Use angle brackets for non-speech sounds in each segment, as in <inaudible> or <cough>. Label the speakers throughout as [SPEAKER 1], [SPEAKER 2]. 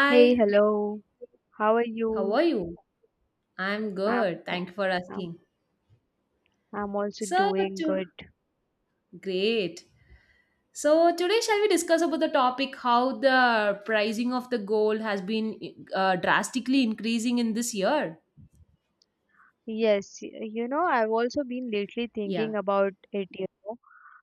[SPEAKER 1] Hey, hello. How are
[SPEAKER 2] how
[SPEAKER 1] you?
[SPEAKER 2] are you? I'm
[SPEAKER 1] I'm,
[SPEAKER 2] good.
[SPEAKER 1] f-
[SPEAKER 2] Thank you for
[SPEAKER 1] I'm
[SPEAKER 2] asking.
[SPEAKER 1] I'm also
[SPEAKER 2] So,
[SPEAKER 1] doing
[SPEAKER 2] to-
[SPEAKER 1] good.
[SPEAKER 2] Great. So, today shall we discuss about the topic how the pricing of the gold has been drastically increasing in this year?
[SPEAKER 1] Yes, I've also been lately
[SPEAKER 2] Yeah.
[SPEAKER 1] thinking about it.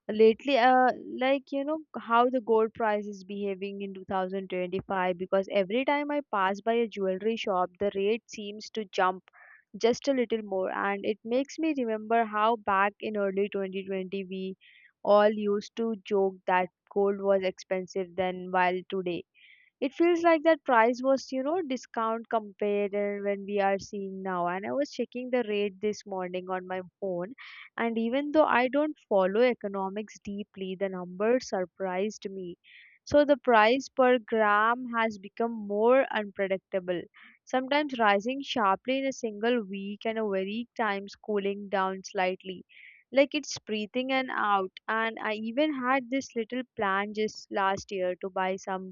[SPEAKER 1] Lately, how the gold price is behaving in 2025, because every time I pass by a jewelry shop, the rate seems to jump just a little more, and it makes me remember how back in early 2020 we all used to joke that gold was expensive then, while today it feels like that price was, discount compared when we are seeing now. And I was checking the rate this morning on my phone, and even though I don't follow economics deeply, the numbers surprised me. So the price per gram has become more unpredictable, sometimes rising sharply in a single week and a very times cooling down slightly, like it's breathing and out. And I even had this little plan just last year to buy some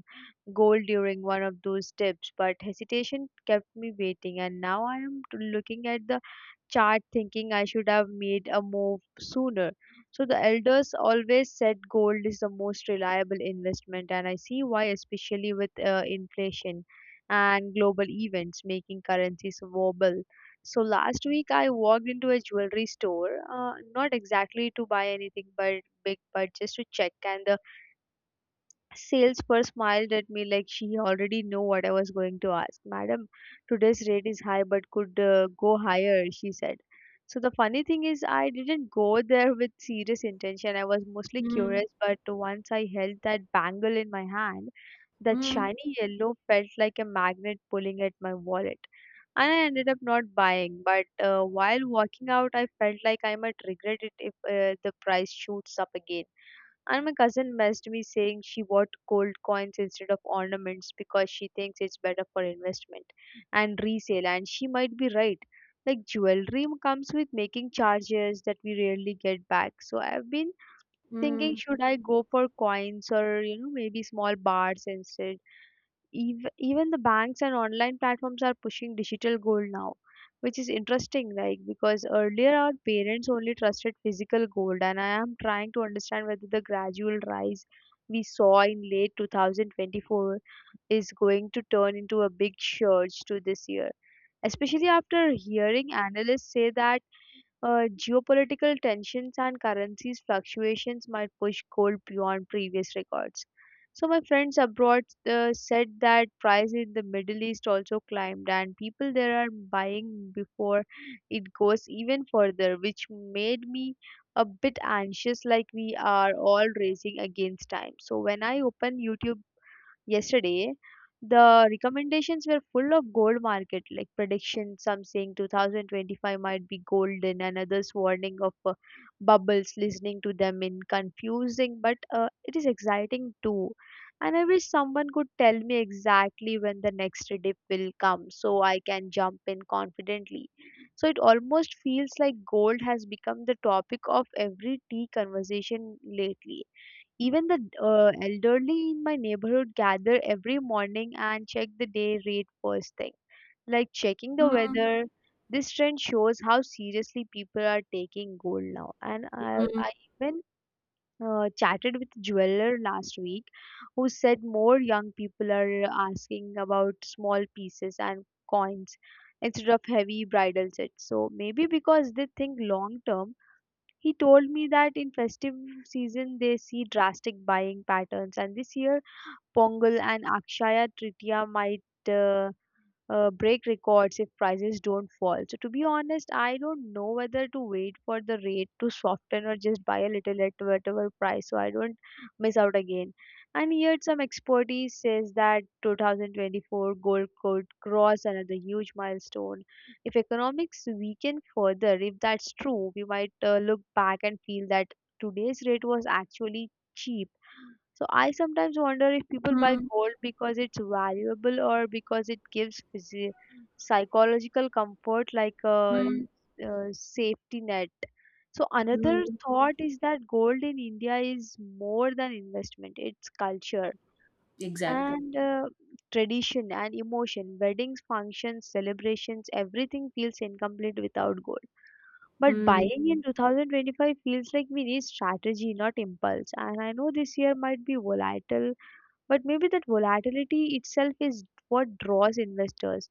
[SPEAKER 1] goal during one of those trips, but hesitation kept me waiting. And now I am looking at the chart thinking I should have made a move sooner. So the elders always said gold is the most reliable investment, and I see why, especially with inflation and global events making currencies wobble. So last week I walked into a jewelry store, not exactly to buy anything but big, but just to check. And the salesperson smiled at me like she already knew what I was going to ask. Madam, today's rate is high but could go higher, she said. So the funny thing is, I didn't go there with serious intention. I was mostly
[SPEAKER 2] Mm,
[SPEAKER 1] curious, but once I held that bangle in my hand, that
[SPEAKER 2] mm,
[SPEAKER 1] shiny yellow felt like a magnet pulling at my wallet. And I ended up not buying, but while walking out, I felt like I might regret it if the price shoots up again. And my cousin messaged me saying she bought gold coins instead of ornaments because she thinks it's better for investment and resale, and she might be right. Like, jewelry comes with making charges that we rarely get back. So I've been thinking,
[SPEAKER 2] mm,
[SPEAKER 1] should I go for coins, or you know, maybe small bars instead? Even the banks and online platforms are pushing digital gold now, which is interesting, like, because earlier our parents only trusted physical gold. And I am trying to understand whether the gradual rise we saw in late 2024 is going to turn into a big surge to this year, especially after hearing analysts say that geopolitical tensions and currencies fluctuations might push gold beyond previous records. So, my friends abroad said that price in the Middle East also climbed, and people there are buying before it goes even further, which made me a bit anxious, like we are all racing against time. So, when I open YouTube yesterday, the recommendations were full of gold market like predictions, some saying 2025 might be golden and others warning of bubbles. Listening to them in confusing, but it is exciting too, and I wish someone could tell me exactly when the next dip will come so I can jump in confidently. So it almost feels like gold has become the topic of every tea conversation lately. Even the elderly in my neighborhood gather every morning and check the day rate first thing, like checking the
[SPEAKER 2] mm,
[SPEAKER 1] weather. This trend shows how seriously people are taking gold now. And I,
[SPEAKER 2] mm,
[SPEAKER 1] I even chatted with a jeweler last week who said more young people are asking about small pieces and coins instead of heavy bridal sets. So maybe because they think long term. He told me that in festive season they see drastic buying patterns, and this year Pongal and Akshaya Tritiya might break records if prices don't fall. So to be honest, I don't know whether to wait for the rate to soften or just buy a little at whatever price so I don't miss out again. And yet some expertise says that 2024 gold could cross another huge milestone. If economics weaken further, if that's true, we might look back and feel that today's rate was actually cheap. So I sometimes wonder if people buy
[SPEAKER 2] mm,
[SPEAKER 1] gold because it's valuable or because it gives psychological comfort, like a,
[SPEAKER 2] mm,
[SPEAKER 1] safety net. So another
[SPEAKER 2] mm.
[SPEAKER 1] thought is that gold in India is more than investment, it's culture
[SPEAKER 2] Exactly.
[SPEAKER 1] and tradition and emotion. Weddings, functions, celebrations, everything feels incomplete without gold. But
[SPEAKER 2] Hmm.
[SPEAKER 1] buying in 2025 feels like we need strategy, not impulse. And I know this year might be volatile, but maybe that volatility itself is what draws investors.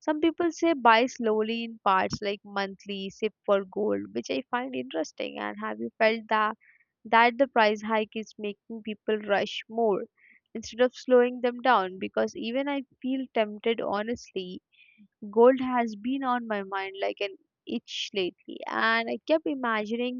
[SPEAKER 1] Some people say buy slowly in parts, like monthly, sip for gold, which I find interesting. And have you felt that the price hike is making people rush more instead of slowing them down? Because even I feel tempted, honestly. Gold has been on my mind like an itch lately, and I kept imagining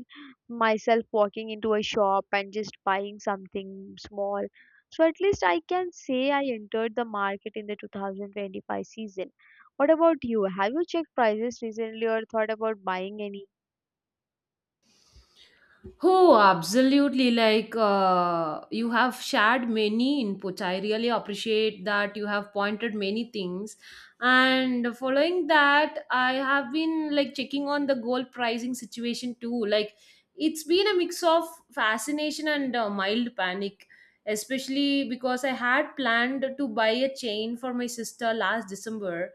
[SPEAKER 1] myself walking into a shop and just buying something small, so at least I can say I entered the market in the 2025 season. What about you? Have you checked prices recently or thought about buying any?
[SPEAKER 2] Oh, absolutely. You have shared many inputs. I really appreciate that you have pointed many things. And following that, I have been like checking on the gold pricing situation too. Like, it's been a mix of fascination and mild panic, especially because I had planned to buy a chain for my sister last December.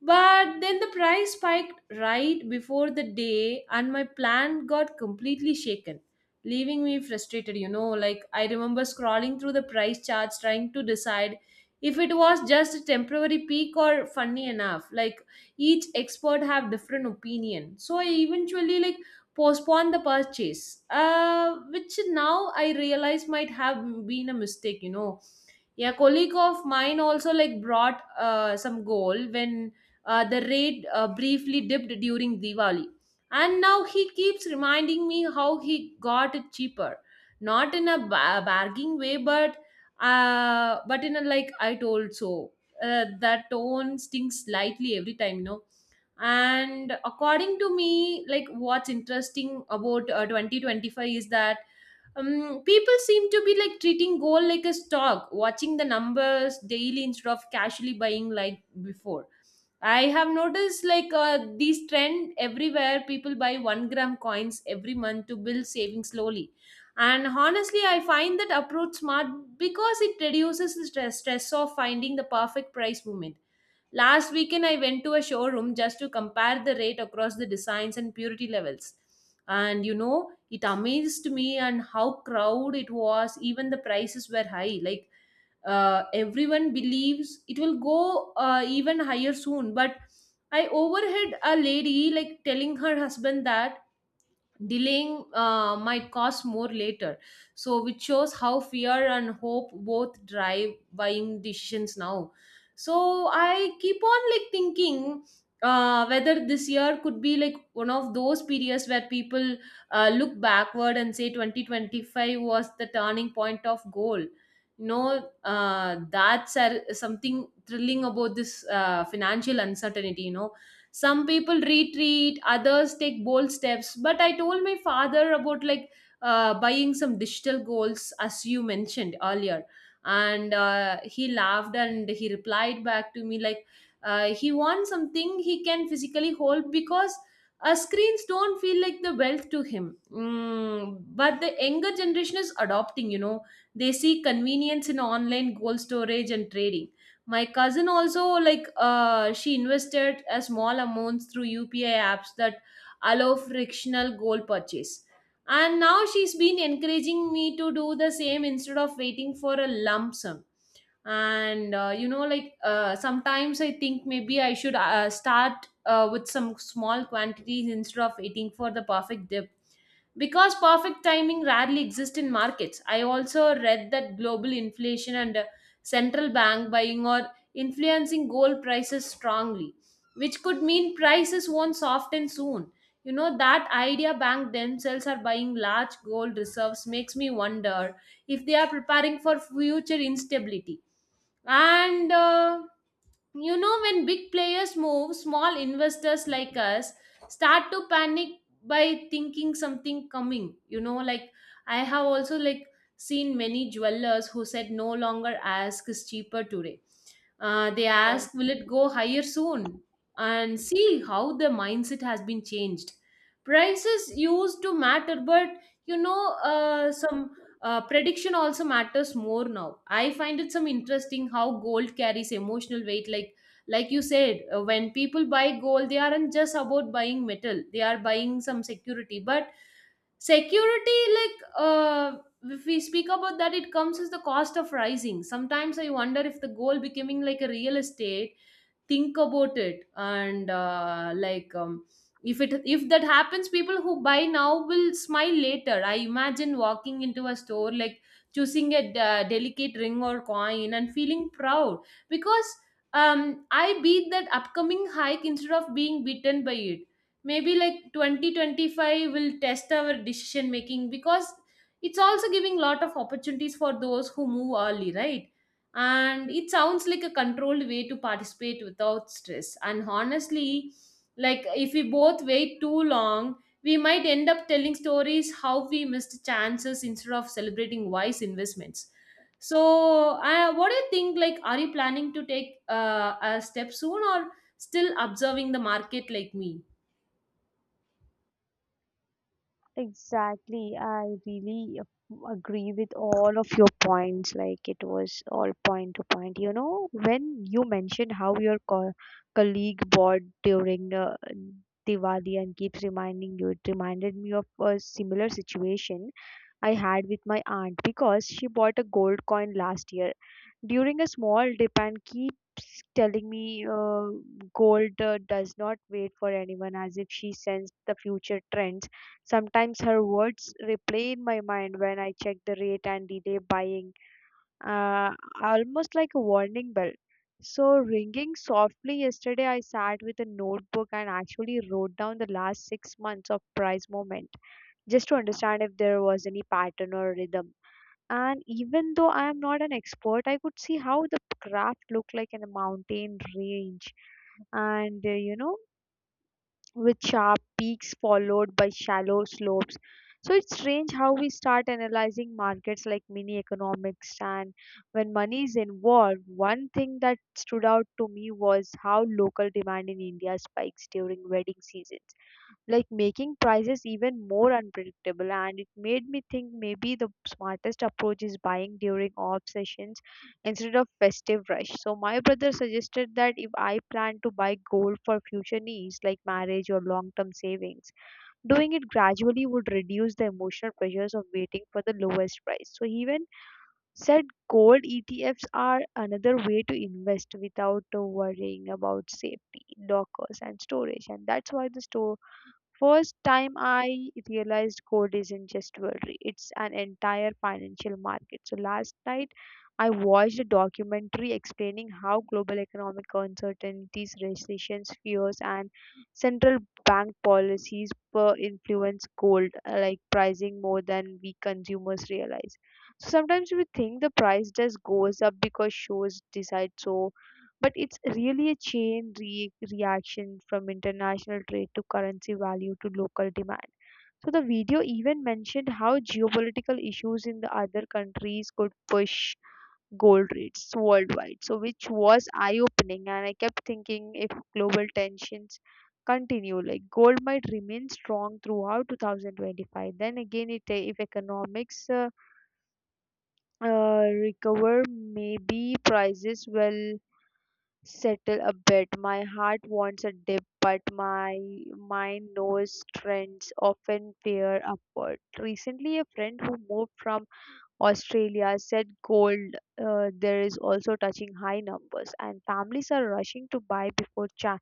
[SPEAKER 2] But then the price spiked right before the day, and my plan got completely shaken, leaving me frustrated. You know, like I remember scrolling through the price charts trying to decide if it was just a temporary peak or funny enough. Like each expert have different opinion, so I eventually like postponed the purchase, which now I realize might have been a mistake. You know, yeah, colleague of mine also like brought some goal when the rate briefly dipped during Diwali. And now he keeps reminding me how he got it cheaper. Not in a bargaining way, but in a like I told so. That tone stings slightly every time, no? And according to me, like what's interesting about 2025 is that people seem to be like treating gold like a stock, watching the numbers daily instead of casually buying like before. I have noticed like this trend everywhere. People buy 1 gram coins every month to build savings slowly. And honestly, I find that approach smart because it reduces the stress of finding the perfect price movement. Last weekend, I went to a showroom just to compare the rate across the designs and purity levels. And you know, it amazed me and how crowd it was even the prices were high like everyone believes it will go even higher soon, but I overheard a lady like telling her husband that delaying might cost more later, so which shows how fear and hope both drive buying decisions now. So I keep on like thinking whether this year could be like one of those periods where people look backward and say 2025 was the turning point of goal. That's something thrilling about this financial uncertainty, you know. Some people retreat, others take bold steps, but I told my father about like buying some digital goals as you mentioned earlier. And he laughed and he replied back to me like he wants something he can physically hold because screens don't feel like the wealth to him. Mm, but the younger generation is adopting, you know. They see convenience in online gold storage and trading. My cousin also like she invested a small amounts through UPI apps that allow frictional gold purchase. And now she's been encouraging me to do the same instead of waiting for a lump sum. And you know, like sometimes I think maybe I should start with some small quantities instead of waiting for the perfect dip, because perfect timing rarely exists in markets. I also read that global inflation and central bank buying are influencing gold prices strongly, which could mean prices won't soften soon. You know, that idea bank themselves are buying large gold reserves makes me wonder if they are preparing for future instability. And you know, when big players move, small investors like us start to panic by thinking something coming. You know, like I have also like seen many jewelers who said no longer ask is cheaper today. They ask, will it go higher soon? And see how the mindset has been changed. Prices used to matter, but you know, some prediction also matters more now. I find it some interesting how gold carries emotional weight. Like you said, when people buy gold, they aren't just about buying metal. They are buying some security. But security, like if we speak about that, it comes as the cost of rising. Sometimes I wonder if the gold becoming like a real estate, think about it. And if that happens, people who buy now will smile later. I imagine walking into a store, like choosing a delicate ring or coin and feeling proud because um, I beat that upcoming hike instead of being beaten by it. Maybe like 2025 will test our decision making, because it's also giving lot of opportunities for those who move early, right? And it sounds like a controlled way to participate without stress. And honestly, like if we both wait too long, we might end up telling stories how we missed chances instead of celebrating wise investments. So what do you think, like are you planning to take a step soon or still observing the market like me?
[SPEAKER 1] Exactly. I really agree with all of your points. Like, it was all point to point. You know, when you mentioned how your colleague bought during Diwali and keeps reminding you, it reminded me of a similar situation I had with my aunt because she bought a gold coin last year during a small dip and keeps telling me, gold does not wait for anyone, as if she sensed the future trends. Sometimes her words replay in my mind when I check the rate and delay buying, uh, almost like a warning bell. So, ringing softly yesterday, I sat with a notebook and actually wrote down the last 6 months of price movement just to understand if there was any pattern or rhythm. And even though I am not an expert, I could see how the craft looked like in a mountain range. And with sharp peaks followed by shallow slopes. So it's strange how we start analyzing markets like mini economics. And when money is involved, one thing that stood out to me was how local demand in India spikes during wedding seasons, like making prices even more unpredictable. And it made me think maybe the smartest approach is buying during off sessions instead of festive rush. So my brother suggested that if I plan to buy gold for future needs like marriage or long term savings, doing it gradually would reduce the emotional pressures of waiting for the lowest price. So he even said gold ETFs are another way to invest without worrying about safety lockers and storage, and that's why the store, first time I realized gold isn't just jewelry, it's an entire financial market. So last night I watched a documentary explaining how global economic uncertainties, recessions, fears, and central bank policies per influence gold, like pricing more than we consumers realize. So sometimes we think the price just goes up because shows decide so, but it's really a chain reaction from international trade to currency value to local demand. So the video even mentioned how geopolitical issues in the other countries could push gold rates worldwide. So which was eye opening, and I kept thinking if global tensions continue, like gold might remain strong throughout 2025. Then again, it if economics recover, maybe prices will settle a bit. My heart wants a dip, but my mind knows trends often veer upward. Recently, a friend who moved from Australia said gold there is also touching high numbers, and families are rushing to buy before China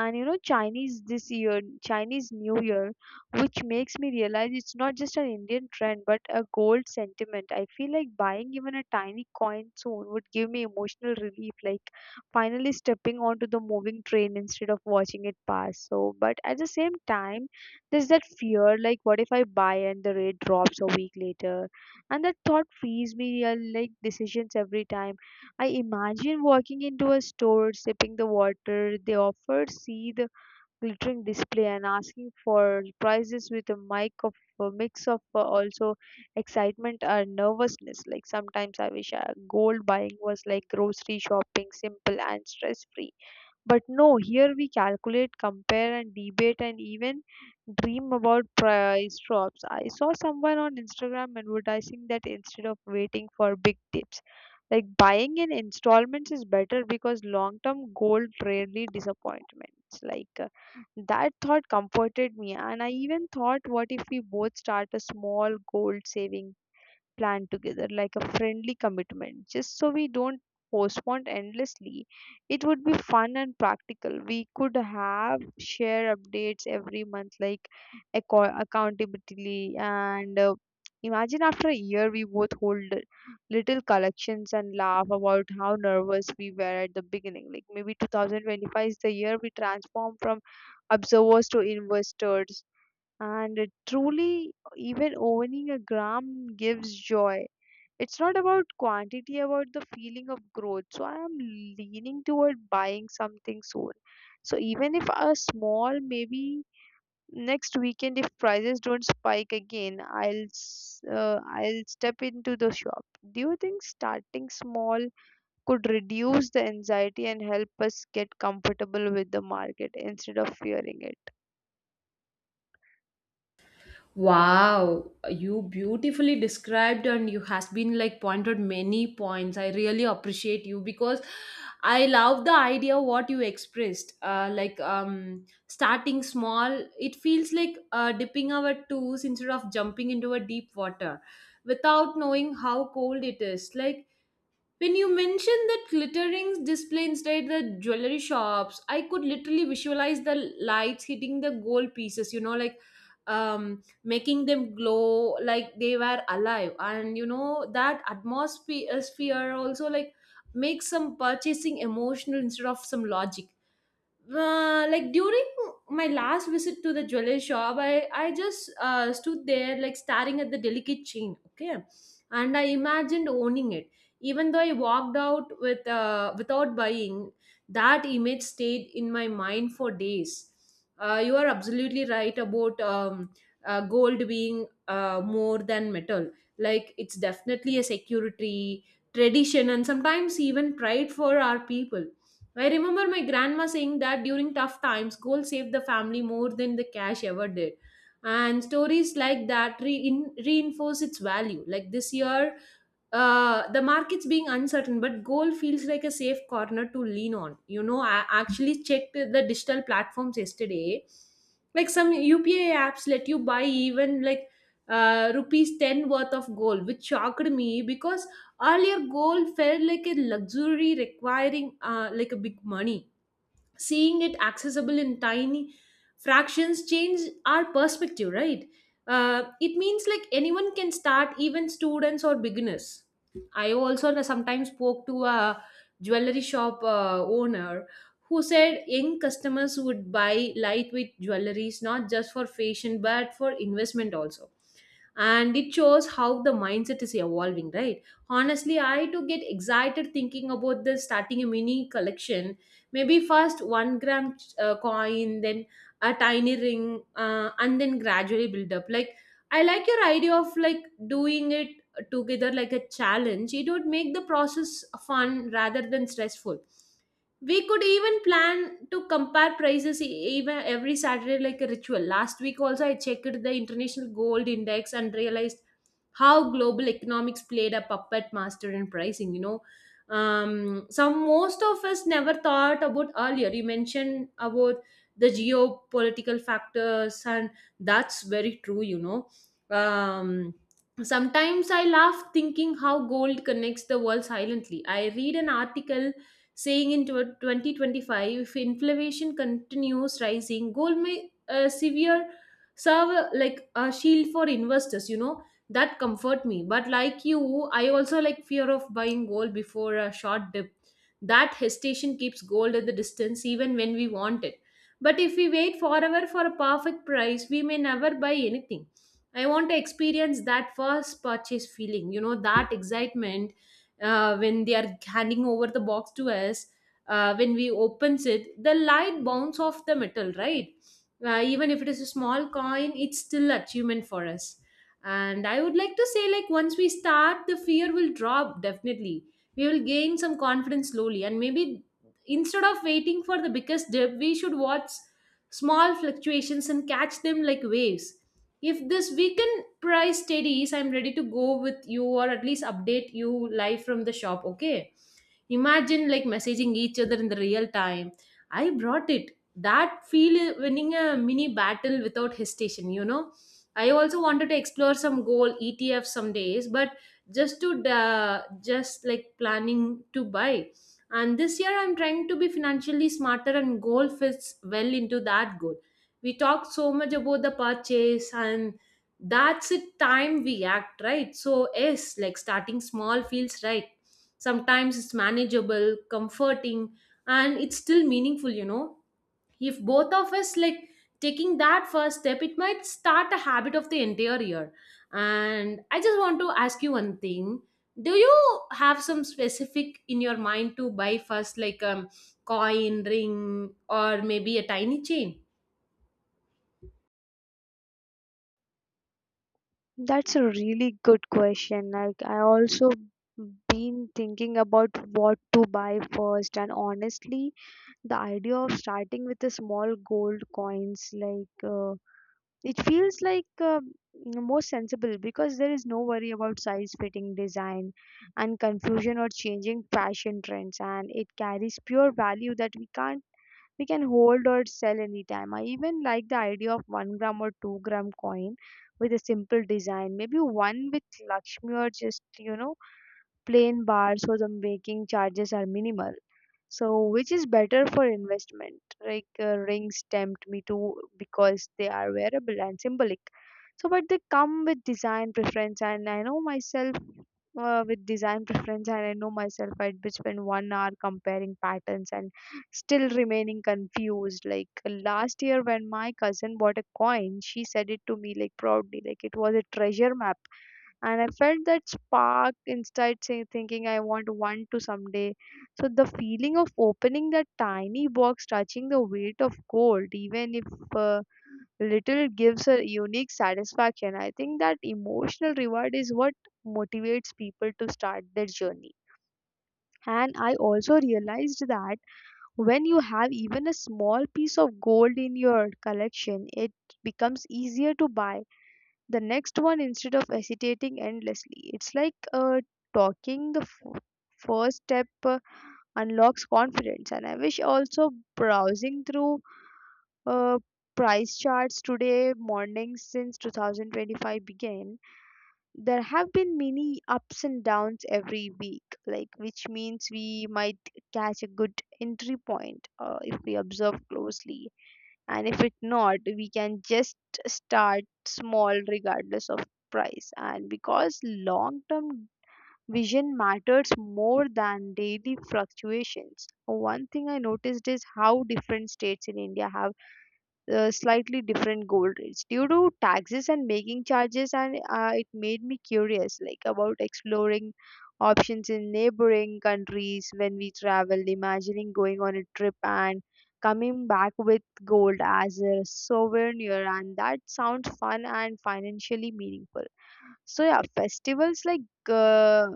[SPEAKER 1] and, you know, Chinese New Year, which makes me realize it's not just an Indian trend but a gold sentiment. I feel like buying even a tiny coin soon would give me emotional relief, like finally stepping onto the moving train instead of watching it pass. So but at the same time, there's that fear, like what if I buy and the rate drops a week later, and that thought frees me. I like decisions every time. I imagine walking into a store, sipping the water they offered, see the glittering display, and asking for prices with a mix of also excitement and nervousness. Like sometimes I wish gold buying was like grocery shopping, simple and stress free. But no, here we calculate, compare, and debate, and even dream about price drops. I saw someone on Instagram advertising that instead of waiting for big tips, like buying in installments is better because long term gold rarely disappointments. Like that thought comforted me, and I even thought, what if we both start a small gold saving plan together, like a friendly commitment, just so we don't postpone endlessly. It would be fun and practical. We could have share updates every month, like accountability. And imagine after a year we both hold little collections and laugh about how nervous we were at the beginning. Like maybe 2025 is the year we transform from observers to investors. And it truly, even owning a gram gives joy. It's not about quantity, about the feeling of growth. So I am leaning toward buying something soon. So even if a small, maybe next weekend, if prices don't spike again, I'll step into the shop. Do you think starting small could reduce the anxiety and help us get comfortable with the market instead of fearing it?
[SPEAKER 2] Wow, you beautifully described and you has been like pointed many points. I really appreciate you because I love the idea what you expressed. Starting small, it feels like dipping our toes instead of jumping into a deep water without knowing how cold it is. Like when you mentioned that glittering display inside the jewelry shops, I could literally visualize the lights hitting the gold pieces, you know, like making them glow like they were alive. And you know, that atmosphere sphere also like makes some purchasing emotional instead of some logic. Like during my last visit to the jewelry shop, I just stood there like staring at the delicate chain, okay, and I imagined owning it. Even though I walked out without buying, that image stayed in my mind for days. You are absolutely right about gold being more than metal. Like it's definitely a security, tradition, and sometimes even pride for our people. I remember my grandma saying that during tough times, gold saved the family more than the cash ever did. And stories like that reinforce its value. Like this year, the market's being uncertain, but gold feels like a safe corner to lean on. You know, I actually checked the digital platforms yesterday. Like some UPI apps let you buy even like rupees 10 worth of gold, which shocked me because earlier gold felt like a luxury requiring like a big money. Seeing it accessible in tiny fractions change our perspective, right? It means like anyone can start, even students or beginners. I also sometimes spoke to a jewelry shop owner who said young customers would buy lightweight jewelries not just for fashion but for investment also. And it shows how the mindset is evolving, right? Honestly, I too get excited thinking about the starting a mini collection, maybe first 1 gram coin, then a tiny ring, and then gradually build up. Like I like your idea of like doing it together like a challenge. It would make the process fun rather than stressful. We could even plan to compare prices even every Saturday like a ritual. Last week also I checked the international gold index and realized how global economics played a puppet master in pricing, you know, some most of us never thought about earlier. You mentioned about the geopolitical factors, and that's very true, you know. Um, Sometimes I laugh thinking how gold connects the world silently. I read an article saying in 2025, if inflation continues rising, gold may severe serve like a shield for investors, you know. That comfort me, but like you, I also like fear of buying gold before a short dip. That hesitation keeps gold at the distance even when we want it, but if we wait forever for a perfect price, we may never buy anything. I want to experience that first purchase feeling, you know, that excitement when they are handing over the box to us, when we opens it the light bounce off the metal, right? Even if it is a small coin, it's still achievement for us. And I would like to say like once we start, the fear will drop definitely. We will gain some confidence slowly, and maybe instead of waiting for the biggest dip, we should watch small fluctuations and catch them like waves. If this weekend price steadies, I'm ready to go with you or at least update you live from the shop, okay? Imagine like messaging each other in the real time. I brought it. That feel winning a mini battle without hesitation, you know. I also wanted to explore some gold ETF some days, but just to just like planning to buy. And this year I'm trying to be financially smarter and goal fits well into that goal. We talked so much about the purchase, and that's the time we act, right? So yes, like starting small feels right sometimes. It's manageable, comforting, and it's still meaningful, you know. If both of us like taking that first step, it might start a habit of the entire year. And I just want to ask you one thing. Do you have some specific in your mind to buy first, like coin, ring, or maybe a tiny chain?
[SPEAKER 1] That's a really good question. Like I also been thinking about what to buy first, and honestly, the idea of starting with the small gold coins, like it feels like more sensible, because there is no worry about size, fitting, design and confusion, or changing fashion trends, and it carries pure value that we can't we can hold or sell anytime. I even like the idea of 1 gram or 2 gram coin with a simple design. Maybe one with Lakshmi, or just, you know, plain bars, so the making charges are minimal. So, which is better for investment? Like rings tempt me too because they are wearable and symbolic. So, but they come with design preference, and I know myself with design preference, and I know myself I'd be spend 1 hour comparing patterns and still remaining confused. Like last year, when my cousin bought a coin, she said it to me like proudly, like it was a treasure map, and I felt that spark inside say, thinking I want one to someday. So the feeling of opening that tiny box, touching the weight of gold, even if uh, little, gives a unique satisfaction. I think that emotional reward is what motivates people to start their journey. And I also realized that when you have even a small piece of gold in your collection, it becomes easier to buy the next one instead of hesitating endlessly. It's like talking the first step unlocks confidence. And I wish also browsing through uh, price charts today morning. Since 2025 began, there have been many ups and downs every week, like which means we might catch a good entry point if we observe closely, and if it not, we can just start small regardless of price, and because long term vision matters more than daily fluctuations. One thing I noticed is how different states in India have slightly different gold rates due to taxes and making charges, and it made me curious like about exploring options in neighboring countries when we travel. Imagining going on a trip and coming back with gold as a souvenir, and that sounds fun and financially meaningful. So yeah, festivals like uh,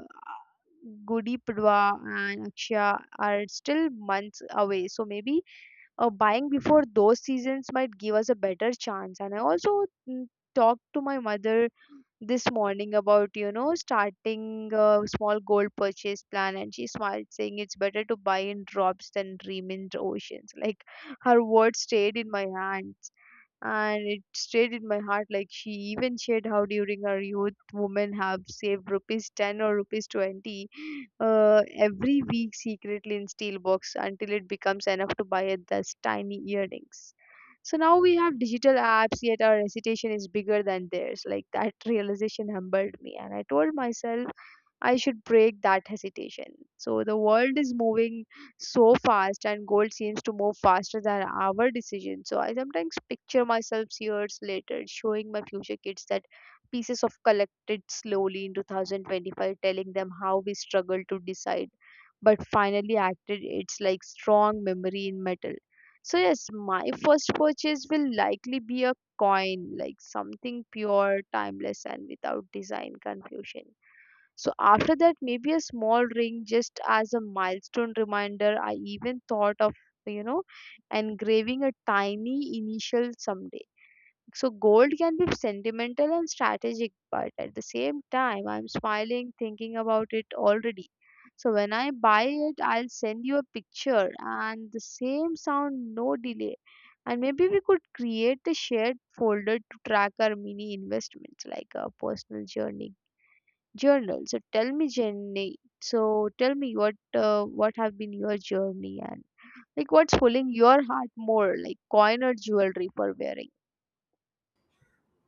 [SPEAKER 1] Gudi Padwa and Akshaya are still months away. So maybe buying before those seasons might give us a better chance. And I also talked to my mother this morning about, you know, starting a small gold purchase plan, and she smiled saying it's better to buy in drops than dream in oceans <laughs> like her words stayed in my hands, and it stayed in my heart. Like she even shared how during her youth, women have saved ₹10 or ₹20 every week secretly in steel box until it becomes enough to buy those tiny earrings. So now we have digital apps, yet our hesitation is bigger than theirs. Like that realization humbled me, and I told myself I should break that hesitation. So the world is moving so fast, and gold seems to move faster than our decision. So I sometimes picture myself years later showing my future kids that pieces of collected slowly in 2025, telling them how we struggled to decide, but finally acted. It's like strong memory in metal. So yes, my first purchase will likely be a coin, like something pure, timeless, and without design confusion. So after that, maybe a small ring just as a milestone reminder. I even thought of, you know, engraving a tiny initial someday. So gold can be sentimental and strategic, but at the same time, I'm smiling thinking about it already. So when I buy it, I'll send you a picture and the same sound, no delay. And maybe we could create the shared folder to track our mini investments like a personal journey journal. So tell me, Jenny. So tell me what have been your journey, and like what's pulling your heart more, like coin or jewelry for wearing?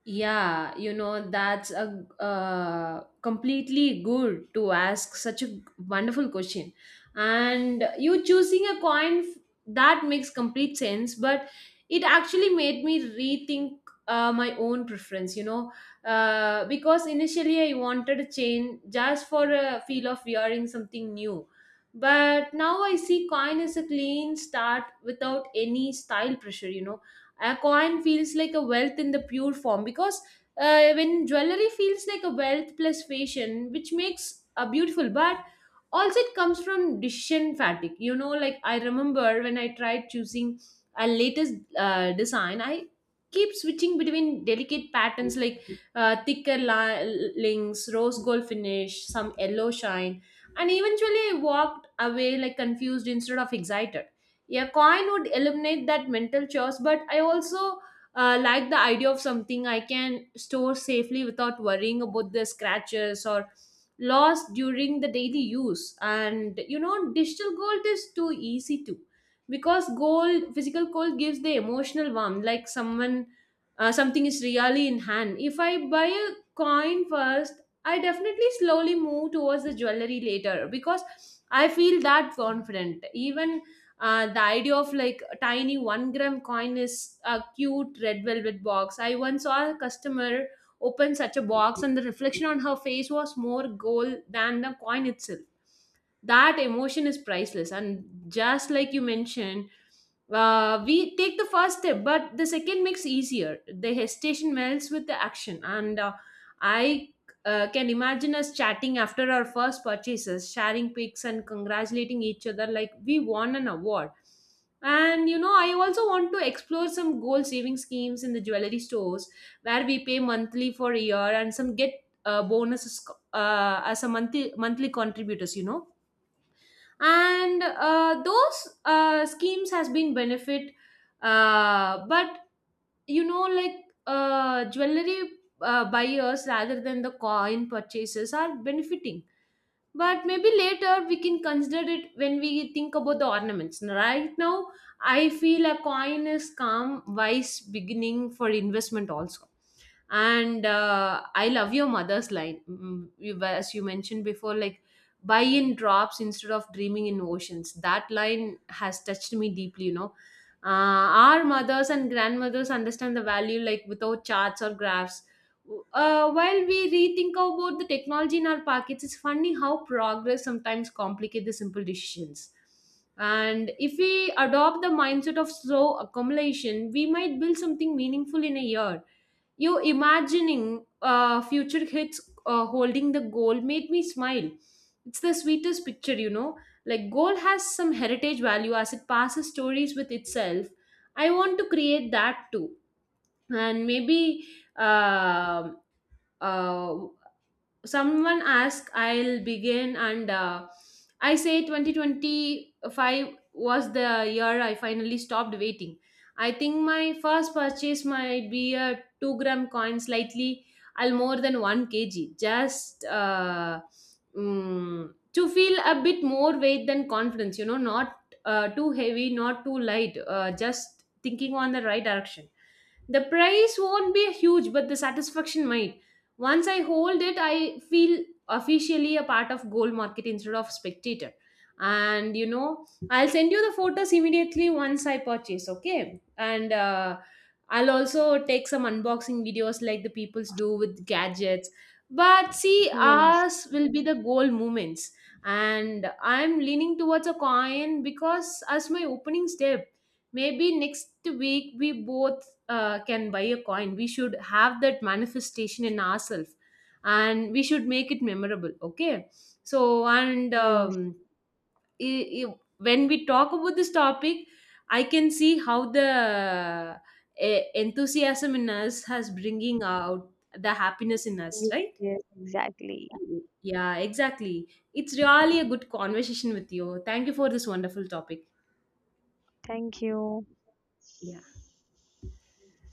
[SPEAKER 2] Yeah, you know, that's a completely good to ask such a wonderful question. And you choosing a coin, that makes complete sense, but it actually made me rethink my own preference, you know, because initially I wanted a chain just for a feel of wearing something new. But now I see coin as a clean start without any style pressure, you know, a coin feels like a wealth in the pure form because when jewelry feels like a wealth plus fashion, which makes a beautiful but also it comes from decision fatigue, you know. Like I remember when I tried choosing a latest design, I keep switching between delicate patterns like thicker links, rose gold finish, some yellow shine, and eventually I walked away like confused instead of excited. Yeah, coin would eliminate that mental chores, but I also like the idea of something I can store safely without worrying about the scratches or loss during the daily use. And you know, digital gold is too easy too, because gold, physical gold gives the emotional warmth, like someone something is really in hand. If I buy a coin first, I definitely slowly move towards the jewelry later because I feel that confident even. The idea of like a tiny 1 gram coin is a cute red velvet box. I once saw a customer open such a box, and the reflection on her face was more gold than the coin itself. That emotion is priceless, and just like you mentioned, we take the first step but the second makes easier. The hesitation melts with the action, and I can imagine us chatting after our first purchases, sharing pics and congratulating each other like we won an award. And you know, I also want to explore some gold saving schemes in the jewelry stores where we pay monthly for a year and some get bonuses as a monthly contributors, you know. And those schemes has been benefit, but you know, like jewelry buyers rather than the coin purchases are benefiting. But maybe later we can consider it when we think about the ornaments. Right now I feel a coin is calm, wise beginning for investment also. And I love your mother's line. You, as you mentioned before, like buy in drops instead of dreaming in oceans, that line has touched me deeply, you know. uh, our mothers and grandmothers understand the value like without charts or graphs. While we rethink about the technology in our pockets, it's funny how progress sometimes complicates the simple decisions. And if we adopt the mindset of slow accumulation, we might build something meaningful in a year. You imagining future hits holding the goal made me smile. It's the sweetest picture, you know, like gold has some heritage value as it passes stories with itself. I want to create that too. And maybe uh, uh, someone ask, I'll begin, and I say 2025 was the year I finally stopped waiting. I think my first purchase might be a 2-gram coin, slightly I'll more than 1 kg. Just to feel a bit more weight than confidence, you know, not too heavy, not too light, just thinking on the right direction. The price won't be huge, but the satisfaction might. Once I hold it, I feel officially a part of gold market instead of spectator. And you know, I'll send you the photos immediately once I purchase, okay? And I'll also take some unboxing videos like the peoples do with gadgets. But see,
[SPEAKER 1] Yes,
[SPEAKER 2] ours will be the goal moments. And I'm leaning towards a coin because as my opening step, maybe next week we both can buy a coin. We should have that manifestation in ourselves, and we should make it memorable, okay? So and
[SPEAKER 1] yes,
[SPEAKER 2] when we talk about this topic, I can see how the enthusiasm in us has bringing out the happiness in us,
[SPEAKER 1] yes,
[SPEAKER 2] right?
[SPEAKER 1] yes, exactly.
[SPEAKER 2] Yeah, exactly. It's really a good conversation with you. Thank you for this wonderful topic.
[SPEAKER 1] Thank you.
[SPEAKER 2] Yeah.